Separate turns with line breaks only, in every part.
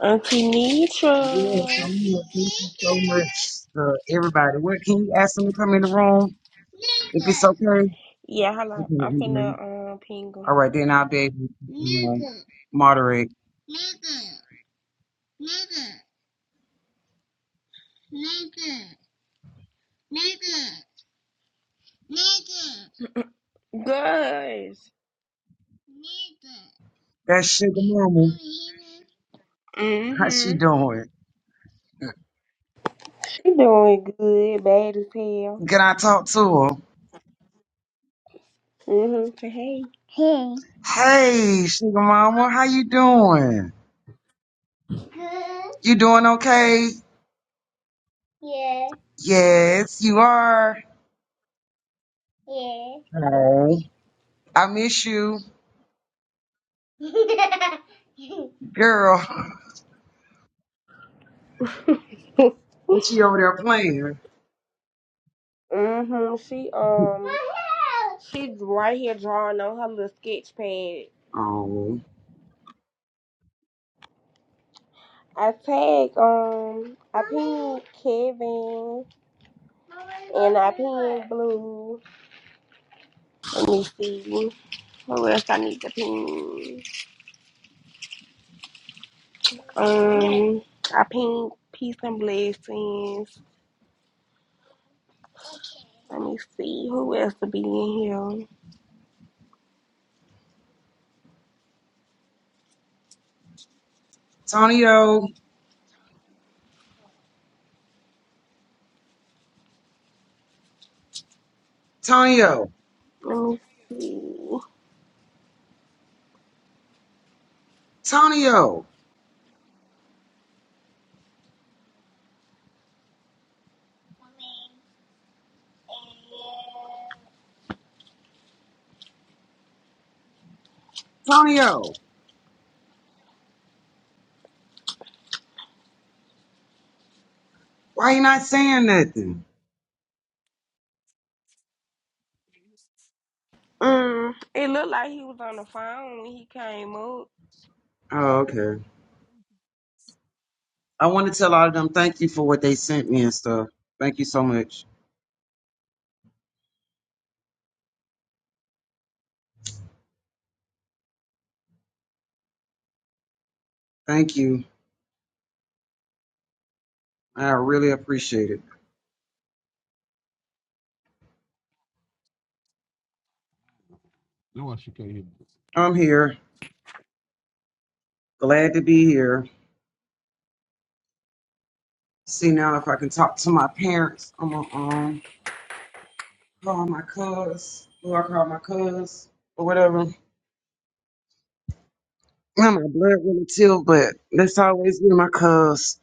Auntie Nitra.
Yes, I'm here. Thank you so much, uh, everybody. What can you ask them to come in the room if it's okay? Okay,
Yeah, hello. I'm
okay.
finna um ping
all right, then I'll be able to um, moderate.
him. Guys.
That sugar mama, how she
Mm-hmm.
doing?
She doing good, bad as hell.
Can I talk to her?
Mm-hmm. Say hey.
Hey, sugar mama, how you doing?
Hey.
You doing okay?
Yeah.
Yes, you are. Oh, I miss you,
Yeah.
girl. What she over there playing?
hmm She um she's right here drawing on her little sketch pad.
Oh,
I tag um I pinned Kevin and I pinned Blue. Let me see. Who else I need to pin? Um I pinned Peace and Blessings. Let me see. Who else to be in here?
Tonyo, Tonyo.
Let me see.
Tonio, Tonio, why you not saying nothing?
Mm, it looked like he was on the phone when he came up.
Oh, okay. I want to tell all of them thank you for what they sent me and stuff. Thank you so much. Thank you. I really appreciate it. I'm here. Glad to be here. See now if I can talk to my parents. I'm gonna um call my cuz. Who I call my cuz or whatever. Not my blood relative, but let's always be my cuz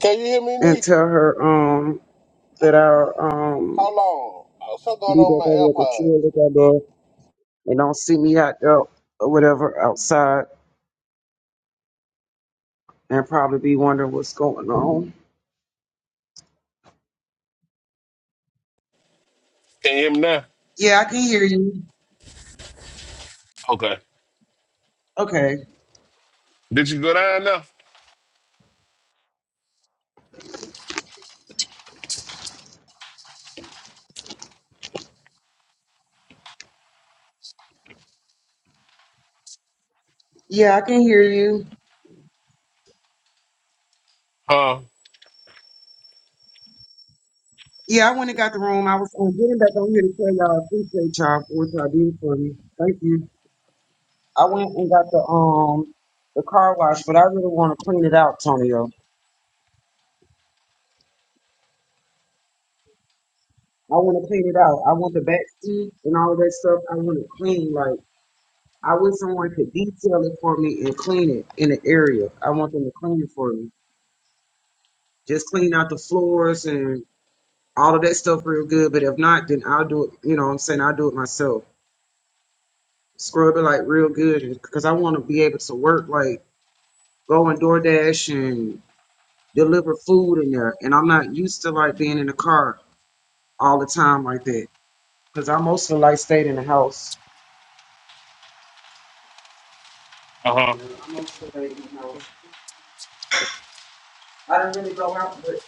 Can you hear me,
and tell
Nisha?
her um that I'll um
How long? Uh, Something going
be back over
on
at the
with
tree They don't see me out there or whatever outside and probably be wondering what's going on. Yeah, I can hear you. Okay.
my AirPods. No.
Yeah, I can hear you. Yeah, I went and got the room. I was um, getting back on here to tell y'all I appreciate y'all for what y'all did for me. Thank you. I went and got the um the car wash, but I really want to clean it out, Tonyo. I want to clean it out. I want the back seat and all of that stuff. I want it clean. Like I wish someone could detail it for me and clean it in the area. I want them to clean it for me. Just clean out the floors and all of that stuff real good. But if not, then I'll do it. You know, what I'm saying I'll do it myself. Scrub it like real good because I want to be able to work like go on DoorDash and deliver food in there. And I'm not used to like being in the car all the time like that because I mostly like stayed in the house.
Uh huh.
Yeah, I mostly stayed in the house. I didn't really go out, but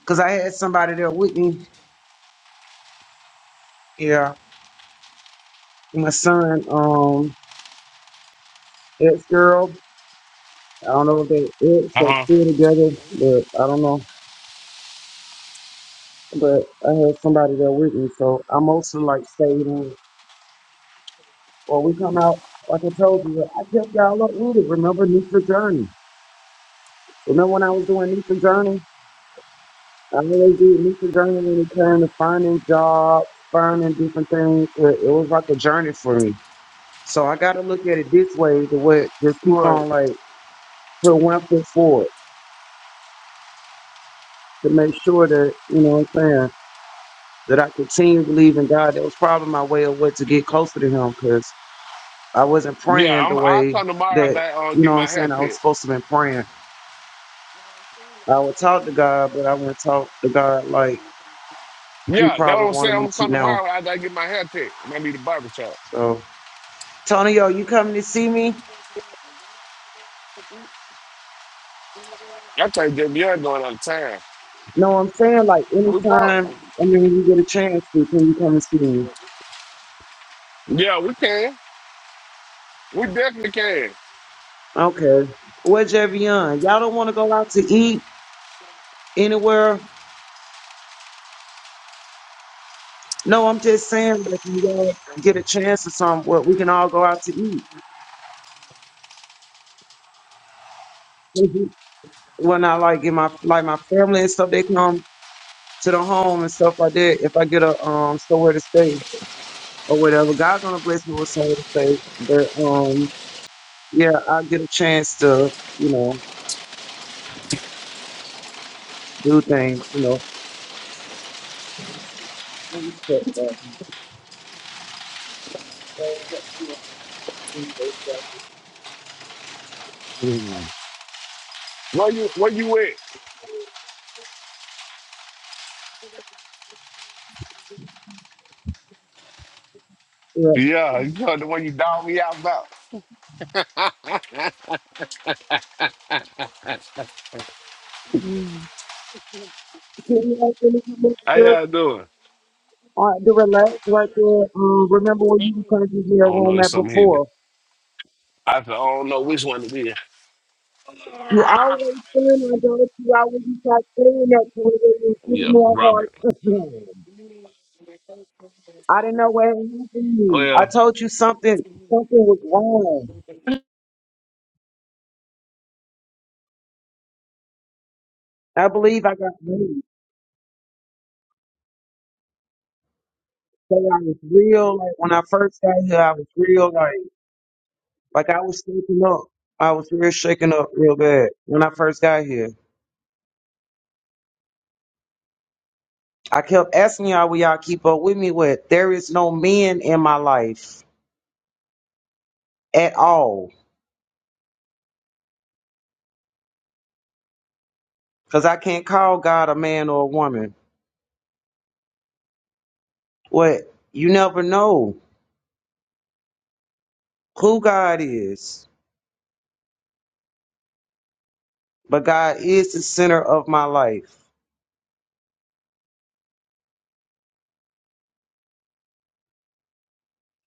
because I had somebody there with me. Yeah, my son, um, ex girl. I don't know if they it or
Uh huh.
two together, but I don't know. But I had somebody there with me, so I mostly like stayed in. Or we come out, like I told you, I kept y'all up with it. Remember Nisha Journey? Remember when I was doing Nisha Journey? I always did Nisha Journey when it came to finding jobs, finding different things. Where it was like a journey for me. So I got to look at it this way, the way just keep
Right.
on like put one foot forward to make sure that you know what I'm saying that I continue to believe in God. That was probably my way of what to get closer to Him because I wasn't
Yeah,
praying
I'm.
the
I'll
way
come tomorrow after
that,
I uh,
you know
get
what
my
I'm
hair
saying, I was
cut.
supposed to be praying. I would talk to God, but I wouldn't talk to God like He
Yeah, that's
probably
what I'm
wanted
saying. I'm
me
gonna
to
come
now.
tomorrow after I get my hair cut. I'm gonna need a barber shop.
So, Tonyo, you coming to see me?
I tell you, Jimmy, you're going out of town.
No, I'm saying like
We fun.
anytime, I mean, you get a chance to, can you come and see me?
Yeah, we can. We definitely can.
Okay. Where's Javion? Y'all don't want to go out to eat anywhere? No, I'm just saying, like, when y'all get a chance or something, what we can all go out to eat. when I like in my like my family and stuff, they come to the home and stuff like that. If I get a um somewhere to stay or whatever, God gonna bless me with somewhere to stay. But um, yeah, I get a chance to you know do things. You know, Let me shut that.
Where you? Where you at?
yeah,
Yeah, you know, the one you dog me out about.
can you actually come over
How
here
y'all doing?
uh, to relax right there? Um, remember where you was coming to
I
your
don't know.
room
It's
at
something heavy.
before?
I, said, I don't know which one it is.
You always saying I don't you always when you start saying that to me, it was getting
Yeah,
more
Robert.
hard. I didn't know what had happened to
Oh
me. I
yeah.
told you something something was wrong. I believe I got moved. So I was real like when I first got here I was real like like I was shaking up. I was real shaken up real bad when I first got here. I kept asking y'all will y'all keep up with me with there is no men in my life at all. Cause I can't call God a man or a woman. What you never know who God is, but God is the center of my life.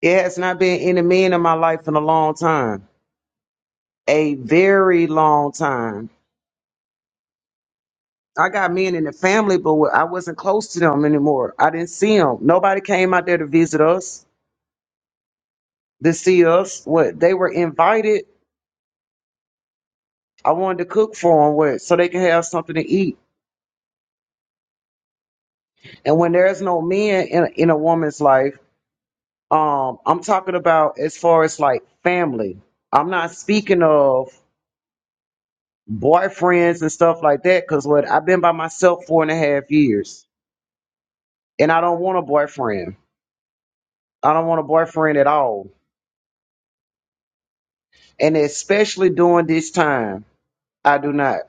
It has not been any men in my life in a long time, a very long time. I got men in the family, but I wasn't close to them anymore. I didn't see them. Nobody came out there to visit us, to see us. What they were invited, I wanted to cook for them, what so they can have something to eat. And when there's no men in, in a woman's life Um, I'm talking about as far as like family. I'm not speaking of boyfriends and stuff like that because what I've been by myself four and a half years and I don't want a boyfriend. I don't want a boyfriend at all. And especially during this time, I do not.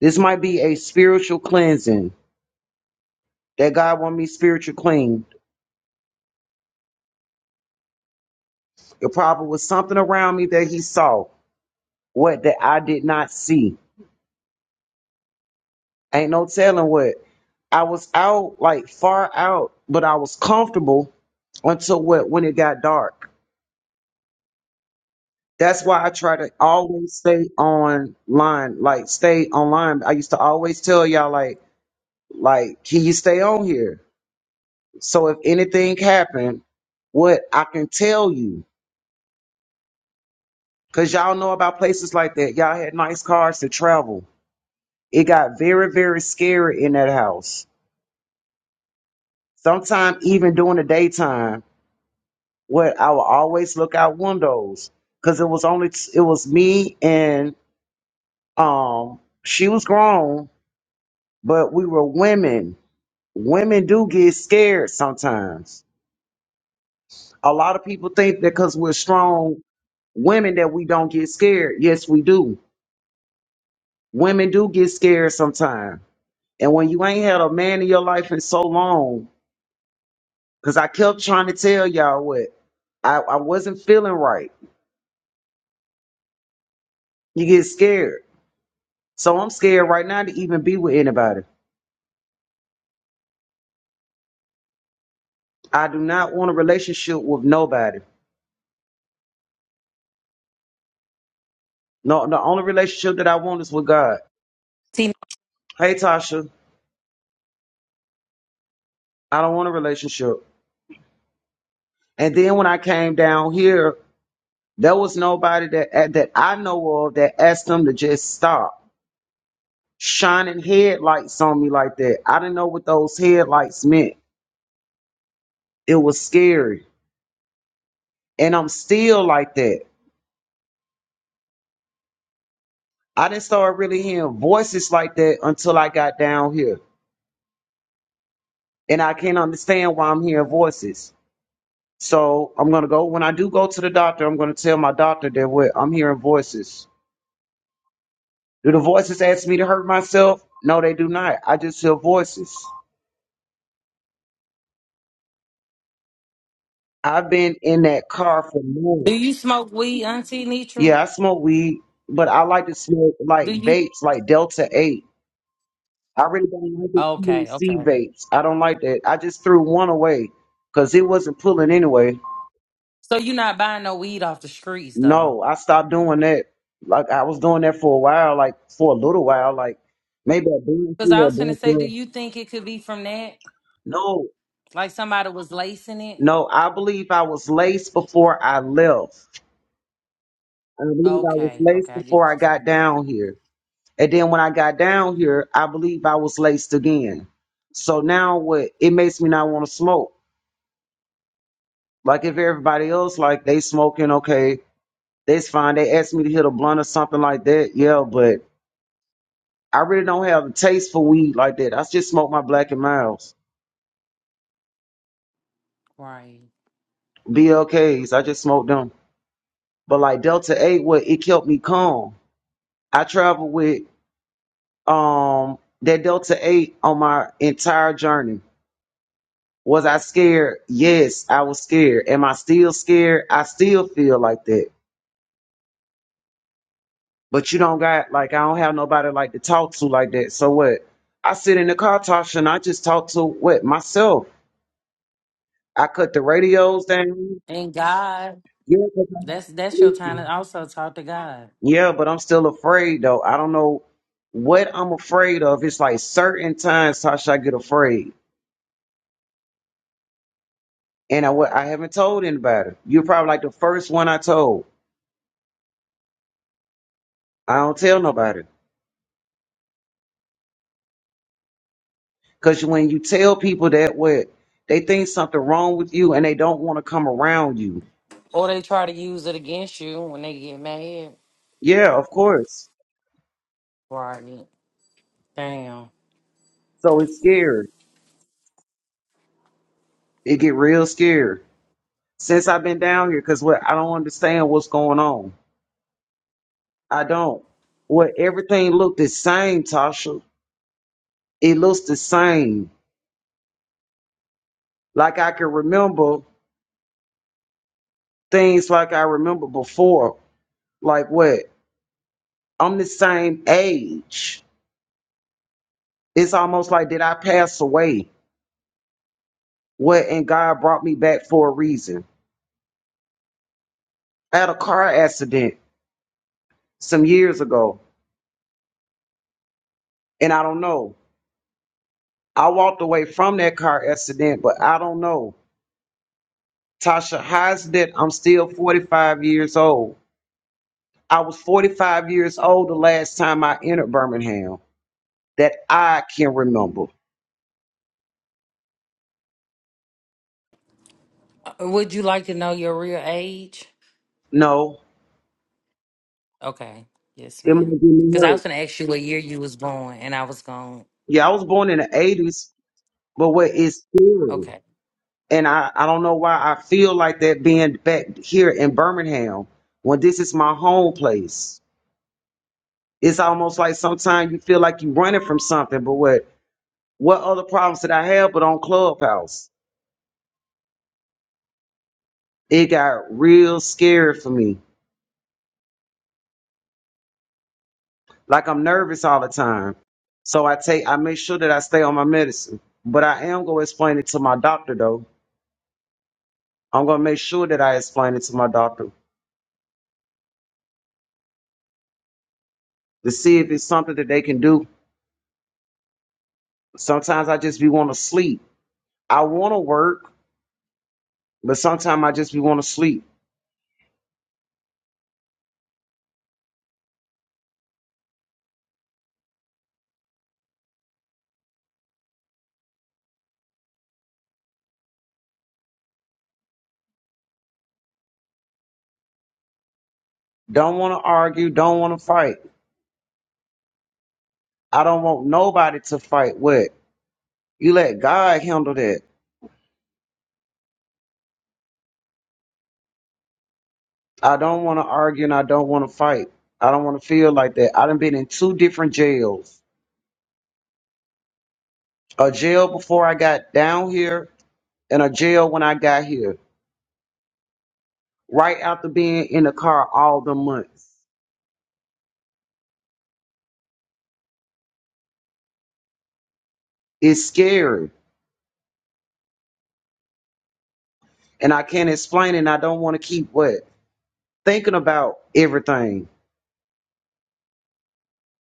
This might be a spiritual cleansing that God want me spiritual clean. It probably was something around me that he saw, what that I did not see Ain't no telling what. I was out like far out, but I was comfortable until what when it got dark. That's why I try to always stay online, like stay online. I used to always tell y'all like like can you stay on here? So if anything happened, what I can tell you cuz y'all know about places like that. Y'all had nice cars to travel. It got very very scary in that house. Sometimes even during the daytime where I would always look out windows because it was only it was me and um she was grown, but we were women. Women do get scared sometimes. A lot of people think that because we're strong women that we don't get scared. Yes, we do. Women do get scared sometimes. And when you ain't had a man in your life in so long, because I kept trying to tell y'all what I, I wasn't feeling right. You get scared. So I'm scared right now to even be with anybody. I do not want a relationship with nobody. No, the only relationship that I want is with God.
T-
Hey, Tasha, I don't want a relationship. And then when I came down here, there was nobody that uh, that I know of that asked them to just stop shining headlights on me like that. I didn't know what those headlights meant. It was scary, and I'm still like that. I didn't start really hearing voices like that until I got down here, and I can't understand why I'm hearing voices. So I'm gonna go. When I do go to the doctor, I'm gonna tell my doctor that what I'm hearing voices. Do the voices ask me to hurt myself? No, they do not. I just hear voices. I've been in that car for
Do
months.
you smoke weed, Auntie Nitra?
Yeah, I smoke weed, but I like to smoke like
Do you?
vapes, like Delta Eight. I really don't like the
Okay,
THC
okay.
vapes. I don't like that. I just threw one away because it wasn't pulling anyway.
So you're not buying no weed off the streets though,
No, I stopped doing that. Like I was doing that for a while, like for a little while, like maybe a bunch
because I
here, a
was gonna
bunch
say, do
there.
you think it could be from that?
No,
Like somebody was lacing it?
no, I believe I was laced before I left. I believe I was
Okay, okay,
laced
I get what
before I
you're saying.
got down here. And then when I got down here, I believe I was laced again. So now what it makes me not want to smoke. Like if everybody else like they smoking, okay, that's fine. They asked me to hit a blunt or something like that. Yeah, but I really don't have a taste for weed like that. I just smoke my black and miles.
Right.
BLKs, I just smoke them. But like Delta 8, what it kept me calm. I travel with um that delta 8 on my entire journey was i scared yes i was scared am i still scared i still feel like that but you don't got like i don't have nobody like to talk to like that so what i sit in the car tasha and i just talk to what myself i cut the radios down
And God,
yeah, 'cause I don't
that's that's your time to
listen.
also talk to God.
Yeah, but i'm still afraid though i don't know what i'm afraid of it's like certain times tasha i get afraid and I wa- I haven't told anybody. You're probably like the first one I told. I don't tell nobody because when you tell people that what they think something wrong with you and they don't want to come around you.
Or they try to use it against you when they get mad.
Yeah, of course.
Right. Damn.
So it's scary. It get real scary since I've been down here because what I don't understand what's going on. I don't. What everything looked the same, Tasha. It looks the same. Like I can remember things like I remember before. Like what? I'm the same age. It's almost like did I pass away? What and God brought me back for a reason. I had a car accident some years ago, and I don't know. I walked away from that car accident, but I don't know. Tasha, how is it that I'm still 45 years old? I was 45 years old the last time I entered Birmingham that I can remember.
Uh, Would you like to know your real age?
No,
Okay. Yes,
it might
ma'am.
be
Because I
me.
was gonna ask you what year you was born, and I was gone.
Yeah, I was born in the 80s, but what is scary?
Okay.
and I, I don't know why I feel like that being back here in Birmingham when this is my home place. It's almost like sometimes you feel like you're running from something, but what what other problems did I have but on Clubhouse? It got real scary for me. Like I'm nervous all the time. So I take I make sure that I stay on my medicine. But I am gonna explain it to my doctor though. I'm gonna make sure that I explain it to my doctor to see if it's something that they can do. Sometimes I just be wanna sleep. I wanna work. But sometimes I just be want to sleep. Don't want to argue. Don't want to fight. I don't want nobody to fight with. You let God handle that. I don't want to argue and I don't want to fight. I don't want to feel like that. I done been in two different jails. A jail before I got down here and a jail when I got here. Right after being in the car all the months. It's scary. And I can't explain it and I don't want to keep what? Thinking about everything.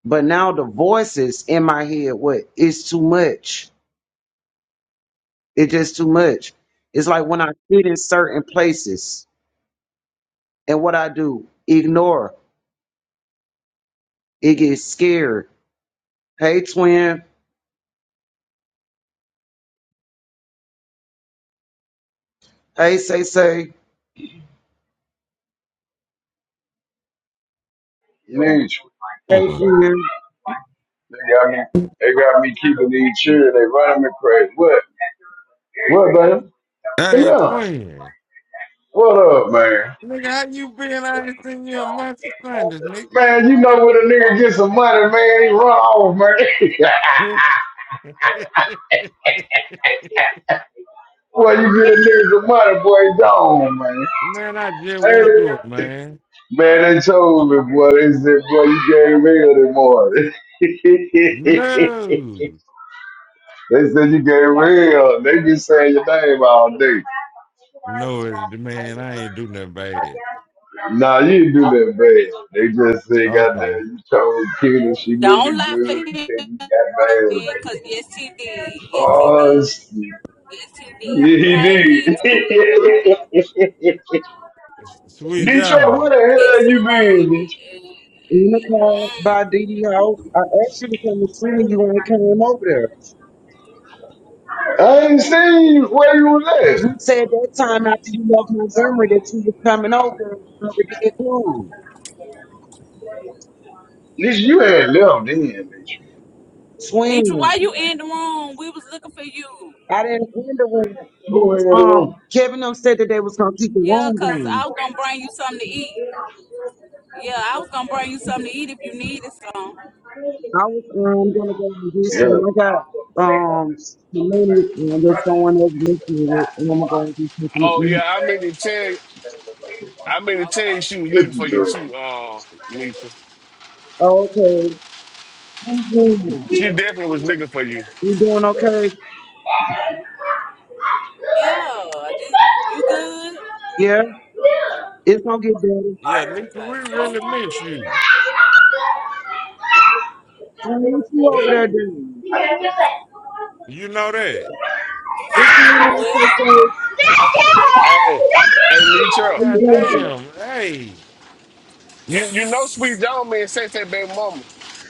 But now the voices in my head, what it's too much. It's just too much. It's like when I sit in certain places and what I do, ignore. It gets scared. Hey twin. Hey say say.
Leech.
Hey
on.
twin.
They got me. They got me keeping these chairs. They running me crazy. What? What, man? Come
Hey,
here.
twin.
What up, man?
Nigga, how you been? I ain't seen you in months of Sundays, nigga.
Man, you know when a nigga get some money, man, he run off, man. Boy, you get a nigga some money, boy, he gone, man.
man, I just
Hey,
woke up, man.
man, they told me, boy, they said, boy, you gave me this morning.
No.
They said you get real. They be saying your name all day.
No, it's the man, I ain't do nothing bad.
Nah, you didn't do that bad. They just say, goddamn,
Okay.
you told Kenny she looked
Don't lie
good
for
and
him,
Kenny got mad.
because yes, he did. Yes, he
Oh,
did.
shit.
Yes, he
Yeah,
did.
he
Hey, Nitro.
did.
S- Sweet
Detroit, where
John.
the
Yes,
hell
he
you been, Detroit?
In the
did.
car
Mm.
by Didi House. I asked you to come and see me. You ain't came over there.
I ain't seen you. where you was at. At
You said that time after you left Montgomery that you was coming over you never did come.
least you had left then, Detroit.
Nitro,
Twin.
why you in the room? We was looking for you.
I didn't end the room. Y'all,
Go in the room.
um, Kevin them said that they was gonna keep the
Yeah,
room
because I
going.
was going to bring you something to eat. Yeah, I was going to bring you something to eat if you needed some.
I was um gonna go and get
Yeah.
some. I got um a minute and there's someone else listening with, and I'm gonna go and get something to
Oh
eat.
yeah, I mean to tell you, I mean to tell you,
Okay.
she was
What
looking for
you
you
doing?
too, uh, Nisha.
Okay, thank you.
She definitely was looking for you.
You doing okay?
Yeah, just, you good?
Yeah, it's gonna get better.
Yeah, nigga,
Okay.
we really miss you.
So what you
You
over there doing?
you know that.
What's going on, say
What?
say?
Hey, hey,
How
Nitra,
you
God
doing?
damn. Hey.
you you know Sweet John man said that baby mama.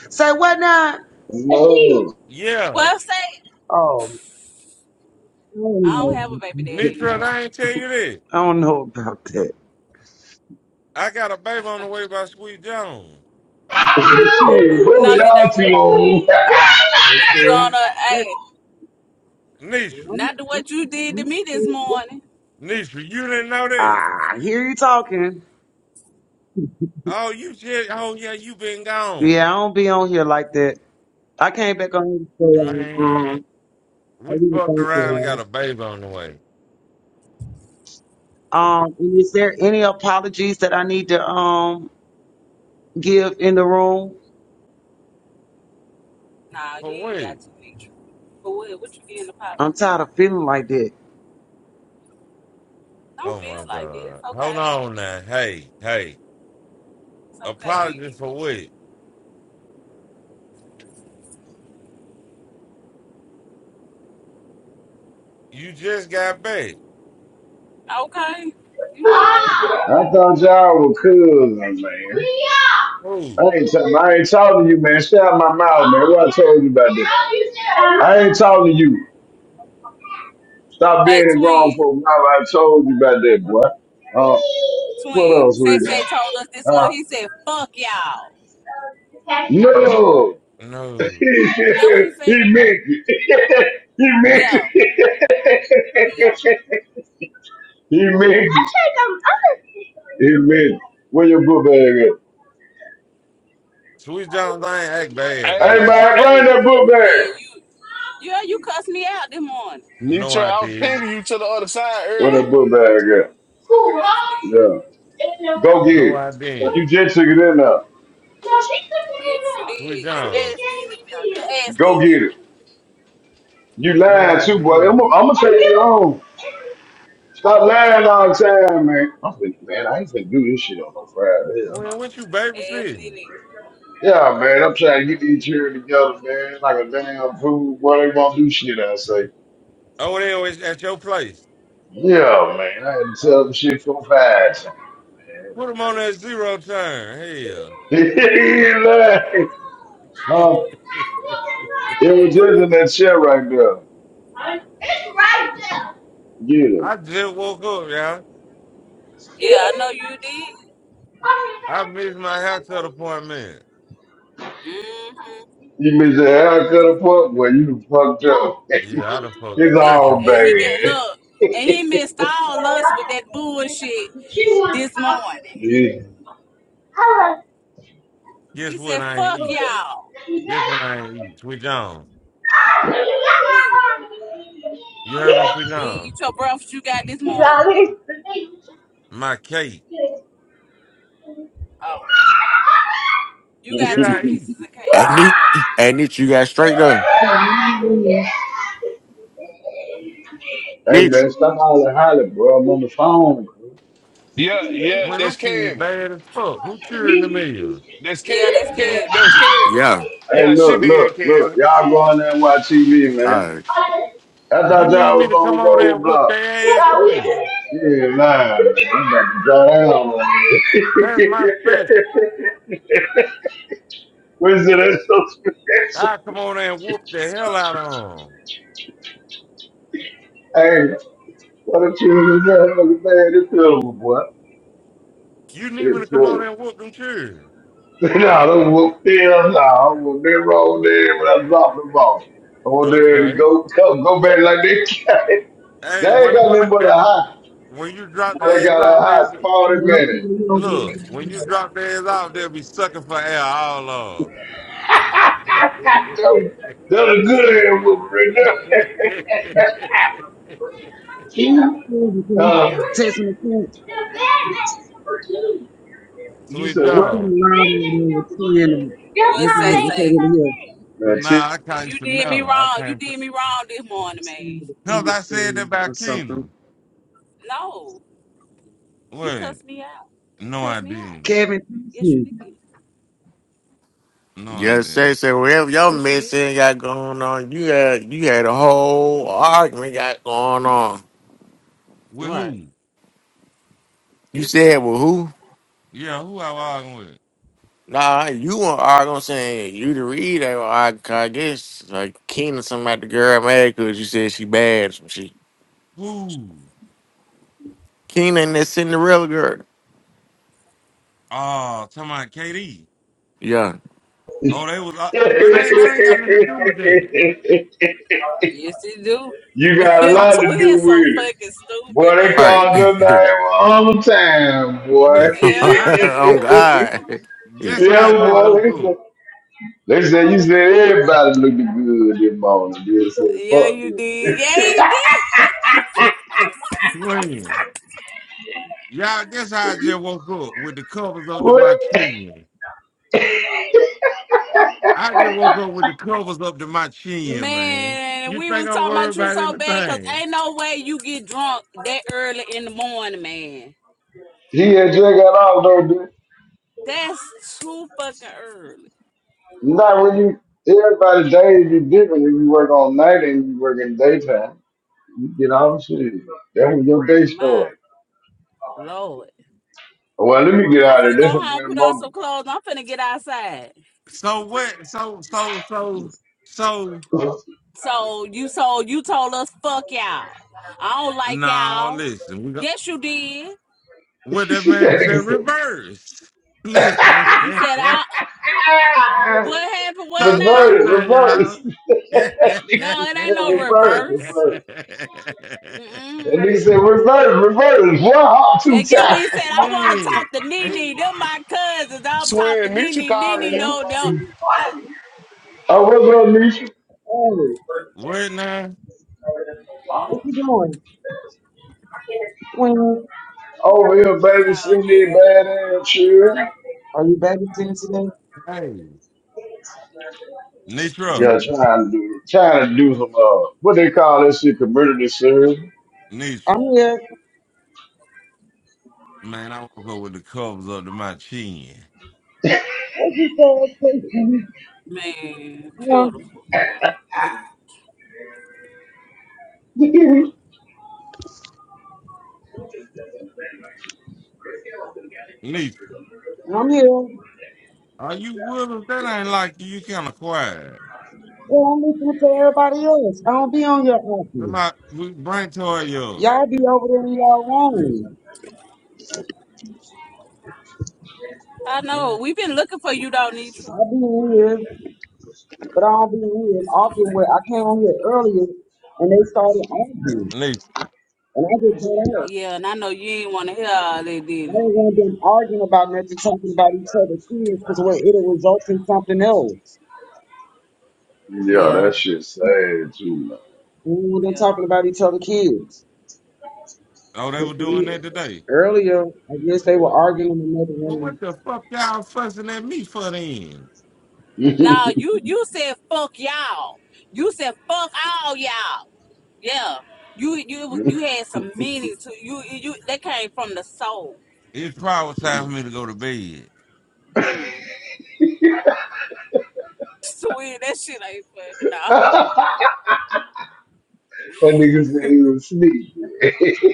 Say what now?
No.
Yeah.
Well, say,
Oh, I don't
I don't
know
have a baby
about
daddy
that.
Nitra,
anymore.
I ain't tell you this.
I don't know about that.
I got a baby on the way by Sweet John.
Oh. N-
Shit, where
No,
we
you
are
don't. Well,
to?
you
Okay.
gonna? Hey,
Nitra.
Not to what you did to
I'm-
me this morning.
Nisha, you didn't know that.
I hear you talking.
Oh, you just oh yeah, you been gone.
Yeah, I don't be on here like that. I came back on here to say, um,
Man,
um, I
we
really
fucked
thank you.
around and got a baby on the way.
Um, and is there any apologies that I need to um give in the room?
Nah,
For
you ain't
what?
got to be true. But what, what you getting
I'm
apologies
tired
for?
of feeling like that.
Don't
Oh
feel
my
like this.
god. Hold
Okay.
on now. Hey, hey.
It's okay,
Apology
Mitch.
for what? You just got back.
Okay. You alright?
I thought y'all were cousins, man.
Who?
I ain't, t- I ain't talking to you, man. Shut out my mouth, man. What I told you about that? I ain't talking to you. Stop
Hey,
being a grown
twin.
folk. Now I told you about that, boy. Uh, what
Twin.
else we
Say Say
got?
told us this
Uh,
morning. He said, fuck y'all.
no,
No.
That what he said?
he meant it. he meant
Yeah.
it.
Yeah.
Amen. Amen. Where your book bag at?
Sweet Jones, I ain't act bad though,
Hey
Hey,
dude.
man, bring
hey,
that book
Man,
bag.
you yeah, you cussed me out this morning.
No,
Nitra,
I
I was
didn't.
pinging you to the other side
Where
earlier.
that book bag at?
Yes, you did.
Yeah. Go get
No,
it.
I
you
didn't.
just took it in there.
Yes, you
Sweet
did. You
John.
asked me now. You asked
Go
Nene.
get it. You
No,
lying
I
too, boy. I'm
didn't.
gonna take it home. Stop lying all the time, man. I'm thinking, man, I ain't gonna do this shit on no Friday. Hell no.
When what you
Asked
babysitting?
Nene.
Yeah, man, I'm trying to get these here together, man. Like a damn fool, boy, they won't do shit. I say,
Oh, they always at your place.
yeah, man. I had to tell
Oh,
them shit for five times,
put them on that zero turn.
man. He laughed.
Hell.
Huh? It was just in that chair right there. Get him.
I just woke up, y'all.
Yeah, I know you did.
I missed my haircut appointment.
Mhm.
You miss the haircut or fuck? Well, you done fucked up.
Yeah, I done fucked the
it's
and
church
all
in my
and he
love.
get
bad.
look, and he missed all us with that bullshit this morning.
Yeah.
Guess
He
what
said,
I ain't
"Fuck
eat?
y'all."
Guess what I ain't eat? Sweet John.
What?
You heard me, Sweet
You ain't
John?
eat your breakfast you got this morning?
My cake.
Oh, you got
Did
two
I eat?
pieces of
Hey,
cake this
Nietzsche,
morning.
hey, Nietzsche, you got straight done.
Yeah, I'm not doing
Hey
Nietzsche,
man, stop all the holler, bro. I'm on the phone. bro.
Yeah, yeah,
When them
that's
kids
Candy.
bad as
She
fuck, who
probably-
cheering the meals?
That's
Yeah,
Candy.
that's
Candy
Kevin.
that was Candy.
yeah.
Yeah,
Hey,
she
look,
did,
look, look.
Candy.
Y'all go in there and watch TV,
All
man.
right.
I
You
thought
need
y'all
me
was
to come
on
over there and whoop
roadblock.
their ass win.
Yeah, nah. man. I'm about to draw down on you.
That's my special. I come over there and whoop the hell out of them.
Hey, what don't you just man? It's pitiful, boy.
You need me to
It's
come over
pitiful.
there and whoop them cheers.
no, they whooped their ass out. I whooped them roll there when I dropped the ball. Over there to
Okay.
go, go, go back like they can't. They
Hey,
ain't
when
got
when
nothing but
I,
a high.
when you drop
But they
their ass
got a
off
high
there
40
Yeah, I'm feeling
minutes.
you over
Look,
everybody
when you
else.
drop their ass off, they'll be sucking for air all along.
That's a good ass whooping right there.
Yeah, because
uh,
Texting the cat,
you
Sweet
said
they
what?
kind
John.
of loud over there with two in them. I
What
can't
say
really I can't
say?
really hear.
So
Man, shit.
nah, I
You
can't
you did me
Chanel. I
wrong. You
can't.
did me wrong this morning,
some
man.
of
Cause
the
I said that
feelings Or
about
something.
Keena.
No, you
Wait,
cussed me out. You
no, I
cussed me out.
didn't.
Kevin, text
Yes, you
me.
did.
No, I
Just say,
didn't.
say, whatever your
Yes, you did.
mess ain't got going on, you had, you had a whole argument got going on.
With
Right.
who?
You said,
Everybody.
well, who?
Yeah, who I arguing with?
Nah, you weren't arguing saying you the read. I, I guess, like, Keenan, somebody, the girl mad because you said she bad or some shit.
Who?
Keenan, that Cinderella girl.
Oh, talking about KD.
Yeah,
Oh, they was. Uh, well, they, they ain't got nothing to do with that.
Yes, you do.
you got a
Your
I'm,
lot to do
Twins so
with it.
fucking stupid,
Boy, they
man.
right.
called your name all the time, boy.
listen,
Yeah,
I
on God.
guess
yeah,
how I just
boy.
woke
They said,
up.
they said you said everybody looked good this morning. They said,
yeah,
fuck
you
you.
did. Yeah, you did,
Twin. Y'all, that's how I just woke up with the covers up to
What?
my chin. I just woke up with the covers up to my chin, man.
man.
You
We
think
was
I'm
talking
worried
about you
about
so bad because
anything?
ain't no way you get drunk that early in the morning, man.
He had just got off though, dude.
That's too fucking early.
Not when you everybody days be different if you work all night and you work in daytime. You get off shit. That was your day
My
story.
lord,
Well, let me get
I'm
out
finna
of there. That's a
go home,
better
put on some
moment.
clothes. I'm finna get outside.
So what? So so so so.
So you told you told us fuck y'all. I don't like
No,
y'all.
listen. We got
Yes, you did.
that
what that man
nigga
said.
said.
Reverse. Listen.
You said I. What happened? What
Stop,
now?
Revert
stop
it,
now,
revert it.
y'all. yeah.
that
No,
nigga
it ain't
said
no
revert,
reverse.
revert. That
Mm-mm.
nigga said revert, revert it. One hop, two
And get what
times.
he said. I want to talk to Nene. Them my cousins. I'll talk to
Swin Nitra
Nene.
calling
Nene
you.
no, no. I,
Oh, what's up, Nisha?
Hey,
Where now?
you know,
where you going? Queen,
Over here,
it's
baby,
all
send
good,
me a bad ass chill.
are you babysitting today?
Hey, Nitra.
Yeah, trying to do, trying to do some, uh, what they call that shit, community service.
Nisha,
I'm here.
man, I woke up with the covers up to my chin.
What you say?
man.
Yeah,
Beautiful.
Nisha,
I'm here.
are you with us? That ain't like you. You kind of quiet.
Yeah, I'm listening to everybody else. I don't be on your
Come
office.
out, we bring Toya up.
Y'all be over there in y'all room.
I
Yeah.
know. We've been looking for you, though,
I
Nitra.
be in here, but I don't be in here as often where I came on here earlier and they started arguing.
Nisha,
And I just got out.
Yeah, and I know you ain't want to hear all that, did
I
you?
ain't want them arguing about nothing, talking about each other's kids, because it'll result in something else.
Yeah,
Yeah,
that shit sad too,
We want them
yeah.
talking about each other's kids.
oh, they were doing that
man.
today.
Earlier, I guess they were arguing in another
Well, what
room.
the fuck y'all fussing at me for then?
Yeah,
No, you you said fuck y'all. You said fuck all y'all. Yeah. You you
yeah.
you had some meaning to you. You you- that came from the soul.
It's probably time for me to go to bed.
Mm. Twin, that shit ain't funny. Nah,
that nigga said he was sneaky.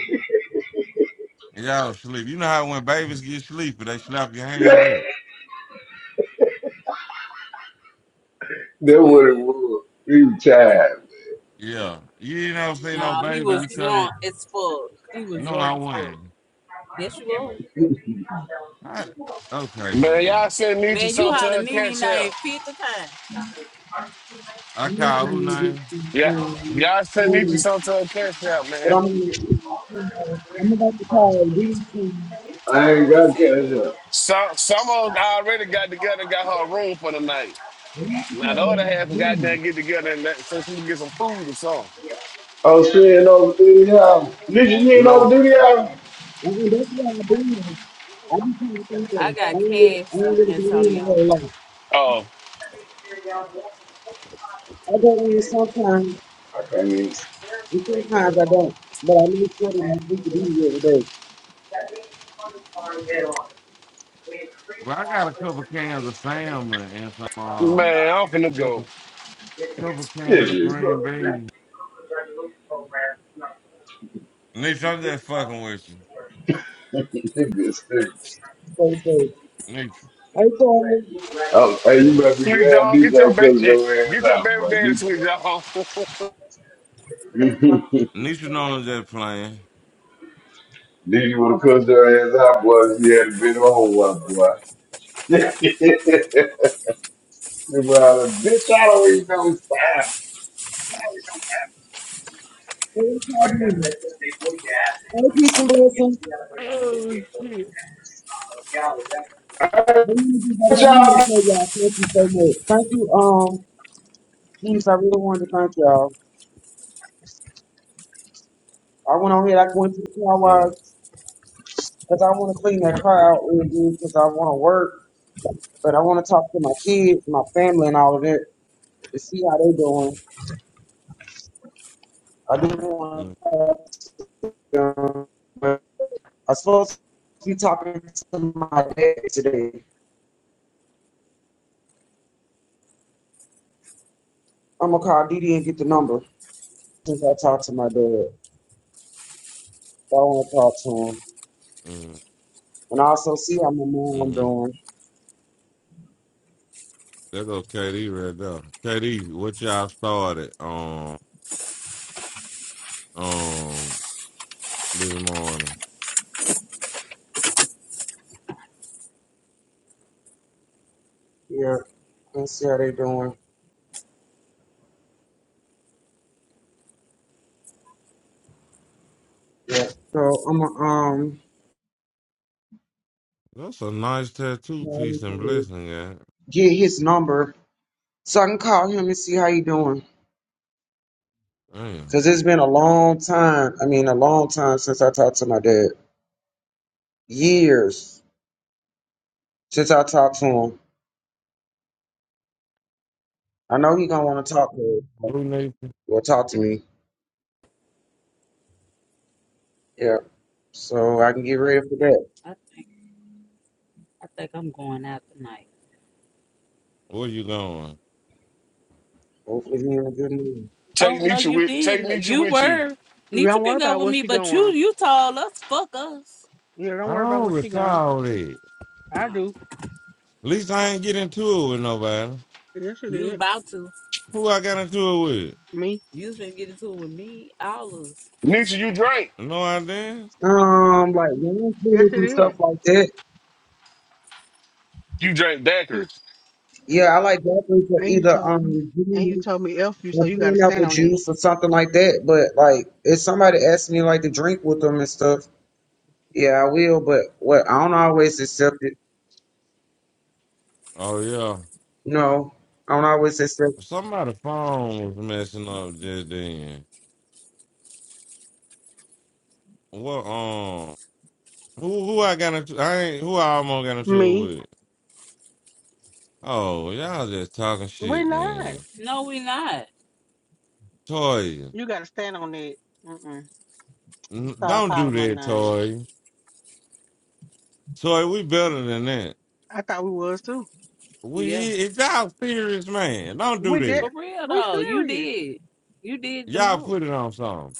And y'all sleep. You know how when babies get sleepy, they slap your hand back.
that what it
twin.
was. He was tired.
Yeah. You ain't never see no
Nah, he
baby.
was
You tell them,
drunk as fuck. He was
no, I
drunk as fuck.
wasn't.
Yes, you was.
I, okay,
Man, y'all
man.
send Nitra
Man, you
something to
holler
her
Nene
cash out.
name 50 times.
I
I'm not
call who
gonna get
name?
some,
Yeah,
um,
y'all send Nitra
food,
something to her cash out,
But
man.
I'm gonna call- I'm about to call these two.
I ain't got
That's it.
cash up.
Some some of us already got together and got her a room for the night.
I'm about to
Now
call
the other half got there
them.
and get together and let so she can get some food or something.
Oh, she ain't over duty house. Nigga, you
You
ain't over
know?
duty house?
Uh-uh, that's why I been. I be trying to think of.
I
I
got
don't really,
cash,
I don't really go in a
Antonio.
whole lot.
Uh
I go in sometimes,
I can't even
and sometimes I don't. But I make sure that I speak to these every day.
Well, I got a couple cans of salmon and some uh,
man, I'm finna go.
couple couple cans
It
of
is
green
though. It
beans. Nisha, I'm just fucking with you.
is
So, so,
Nisha.
hey, Toya,
Oh, hey, you
What?
better be
Sweet
glad
dog,
DJ
get your baby
cuts your ass
get your
out,
baby
boy. Be
daddy, sweet dog.
Nisha knows I'm just playing.
Diddy would have cussed her ass out, boy. if She had been on one, boy. well, bitch, I don't even know it's time.
hey, Toya, hey, peace and blessings.
Oh shit!
I heard
I want to get back on here
y'all
and tell y'all thank you so much. Thank you, um, Keys. I really wanted to thank y'all. I went on here, I went to the car
Yeah.
wash because I want to clean that car out real good because I want to work, but I want to talk to my kids, my family, and all of that to see how they doing. I do want to talk to them, but I'm supposed to be talking to my dad today. I'm going to call Didi and get the number since I talked to my dad. So I want to talk to him
Mm-hmm.
and also see how my mom
Mm-hmm.
doing.
There go KD right there. KD, what y'all started um um this morning?
Yeah, I see how they doing. Yeah. So I'm gonna um
That's a nice tattoo
try
piece and
to
blessing, yeah.
get his number so I can call him and see how he doing. Cause
Damn.
it's been a long time. I mean, a long time since I talked to my dad. Years since I talked to him. I know he gonna want to talk to
Who Nisha?
or talk to me. Yeah. So I can get ready for that.
I think I think I'm going out tonight.
Where you going?
Hopefully he in a good mood.
take
Oh no,
Nietzsche
you
with take
didn't.
Nietzsche
You
with you.
were. Nietzsche
Don't worry
can go
about
with
where
me,
she
but you
going.
you told us fuck us.
Yeah, don't
I
worry about
don't
where she going.
recall it.
I
Um,
do.
At least I ain't get into it with nobody.
Yes, it
you was
is.
about to.
Who I got into it with?
Me.
You was gonna get into it with me, all of us.
Nietzsche, you drink.
No, I did
Um, like non
Yes, it
and stuff
is.
like that.
You drink
And
daiquiris.
Yeah, I like that for
and you
either
told
um
and you told me F you, so
or
you got to stand
pineapple
on it.
juice or something like that. But like, if somebody asks me like to drink with them and stuff, yeah, I will. But what I don't always accept it.
Oh yeah,
No, I don't always accept.
somebody's phone was messing up just then. What? Um, who who I got into? I ain't who I almost got into it
Me?
with. Oh, y'all just talking
We're
shit,
not.
man.
No, we not.
Toy,
You got to stand on it. Mm-mm.
n-
Stop
don't do
calling my
that,
name.
Toy. Toy, we better than that.
I thought we was too.
We
Yeah.
it's y'all serious, man. Don't do
We did.
that.
For real
We
though, you
serious.
did. You did the
Y'all
most.
put it on something.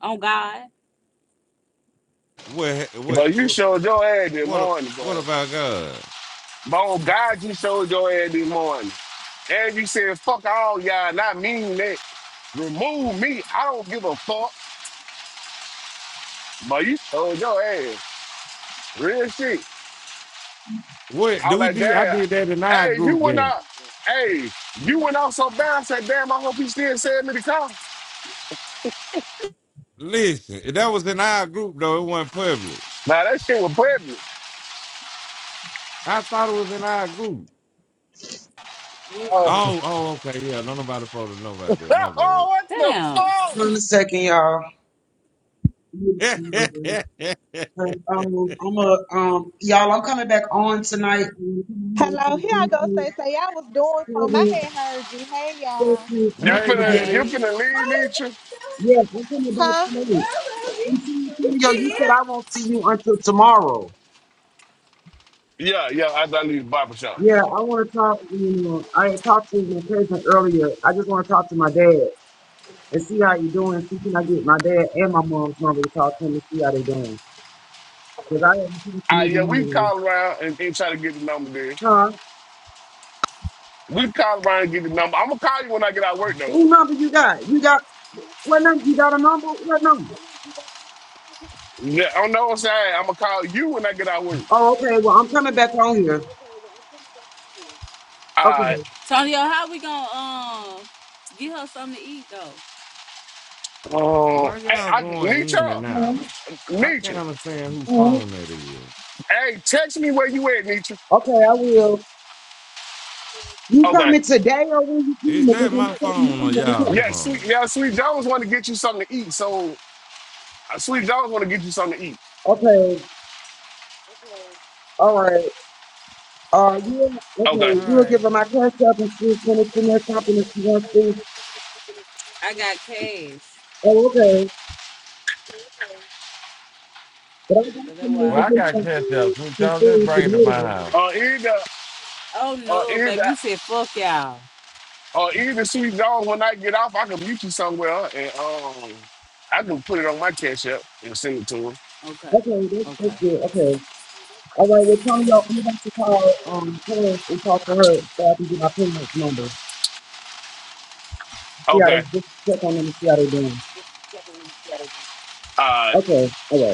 On God.
What? What?
But you
What?
showed your ass this morning,
what
boy.
about God?
Bo God, you showed your ass this morning. And you said, fuck all y'all, and I mean that. Remove me. I don't give a fuck. But you told your ass. Real shit.
What
I
do
was
we
like,
did? I
damn.
did that in our
Hey, you
group
went
then.
out. Hey, you went out so bad. I said, damn, I hope he still send me the car.
Listen, that was in our group though. It wasn't public.
Now that shit was pregnant.
I thought it was in our group.
we're
Oh,
group?
Oh, oh, okay, yeah. Don't nobody supposed to know about that. My bad.
oh, what the
Damn.
Hold on
fuck?
a 2nd second, y'all. Um, I'm a um, y'all. I'm coming back on tonight. Um,
Hello, here I go. Say, say, I was doing something.
Kevin,
I had heard you. Hey,
thank
y'all.
you.
You
I'm trying
hey,
to
finna,
get-
you
Katie,
Hey.
finna leave, Nietzsche?
Yes, I'm coming back
Huh?
tonight. I'm seeing. Tony, yo, you said I won't see you until tomorrow.
Yeah, yeah, after I leave the barber shop.
Yeah, I want to talk. You know, I had talked to my cousin earlier. I just want to talk to my dad and see how you doing. See, can I get my dad and my mom's number to talk to him and see how they doing? Because I haven't talked to
All right, yeah,
neither one
we
of them.
call around and, and try to get the number there.
Huh?
We call around and get the number. I'm gonna call you when I get out of work, though.
Who number you got? You got what number? You got a number? What number?
Yeah, I don't know what I'm saying. I'm gonna call you when I get out of work.
Oh, okay. Well, I'm coming back on here.
All
Okay.
right.
Tonyo, how we gonna um get her something to eat though?
Um,
why
hey,
y'all
I,
going
Nietzsche.
in and
All
out?
right.
I
Nietzsche.
can't understand whose
All right.
phone that is.
Hey, text me where you at, Nietzsche.
Okay, I will. You
Okay.
coming today or when you
Is
coming? Because
that my
I'm coming on
phone
in
or
the
y'all's
morning.
Yeah, sweet.
phone?
Yeah, Sweet Jones want to get you something to eat. So uh, Sweet Jones want to get you something to eat.
Okay. All right. Uh, yeah, okay.
Okay.
All
You will give
right.
her my cash up and she'll send it to me or something if she wants to.
I got cash.
Oh, okay. But I got
So that's
some
why
money
Well,
to
I'm
I
get
got
some
finna
catch
food,
up. Switch
some
on. Just
food
bring it to
today
my
though.
house.
Uh, either,
Oh
uh,
no,
either,
baby. You said fuck y'all.
uh, either Sweet Jones when I get off, I can mute you somewhere and um, I can put it on my cash app and send it to him.
Okay.
Okay, that's, that's
Okay.
good. Okay. All right, well, Tonyo, I'm about to call, um, parents and talk to her so I can get my parents' number. See how they,
Okay.
just check on them and see how they doing.
Uh,
Okay, all right.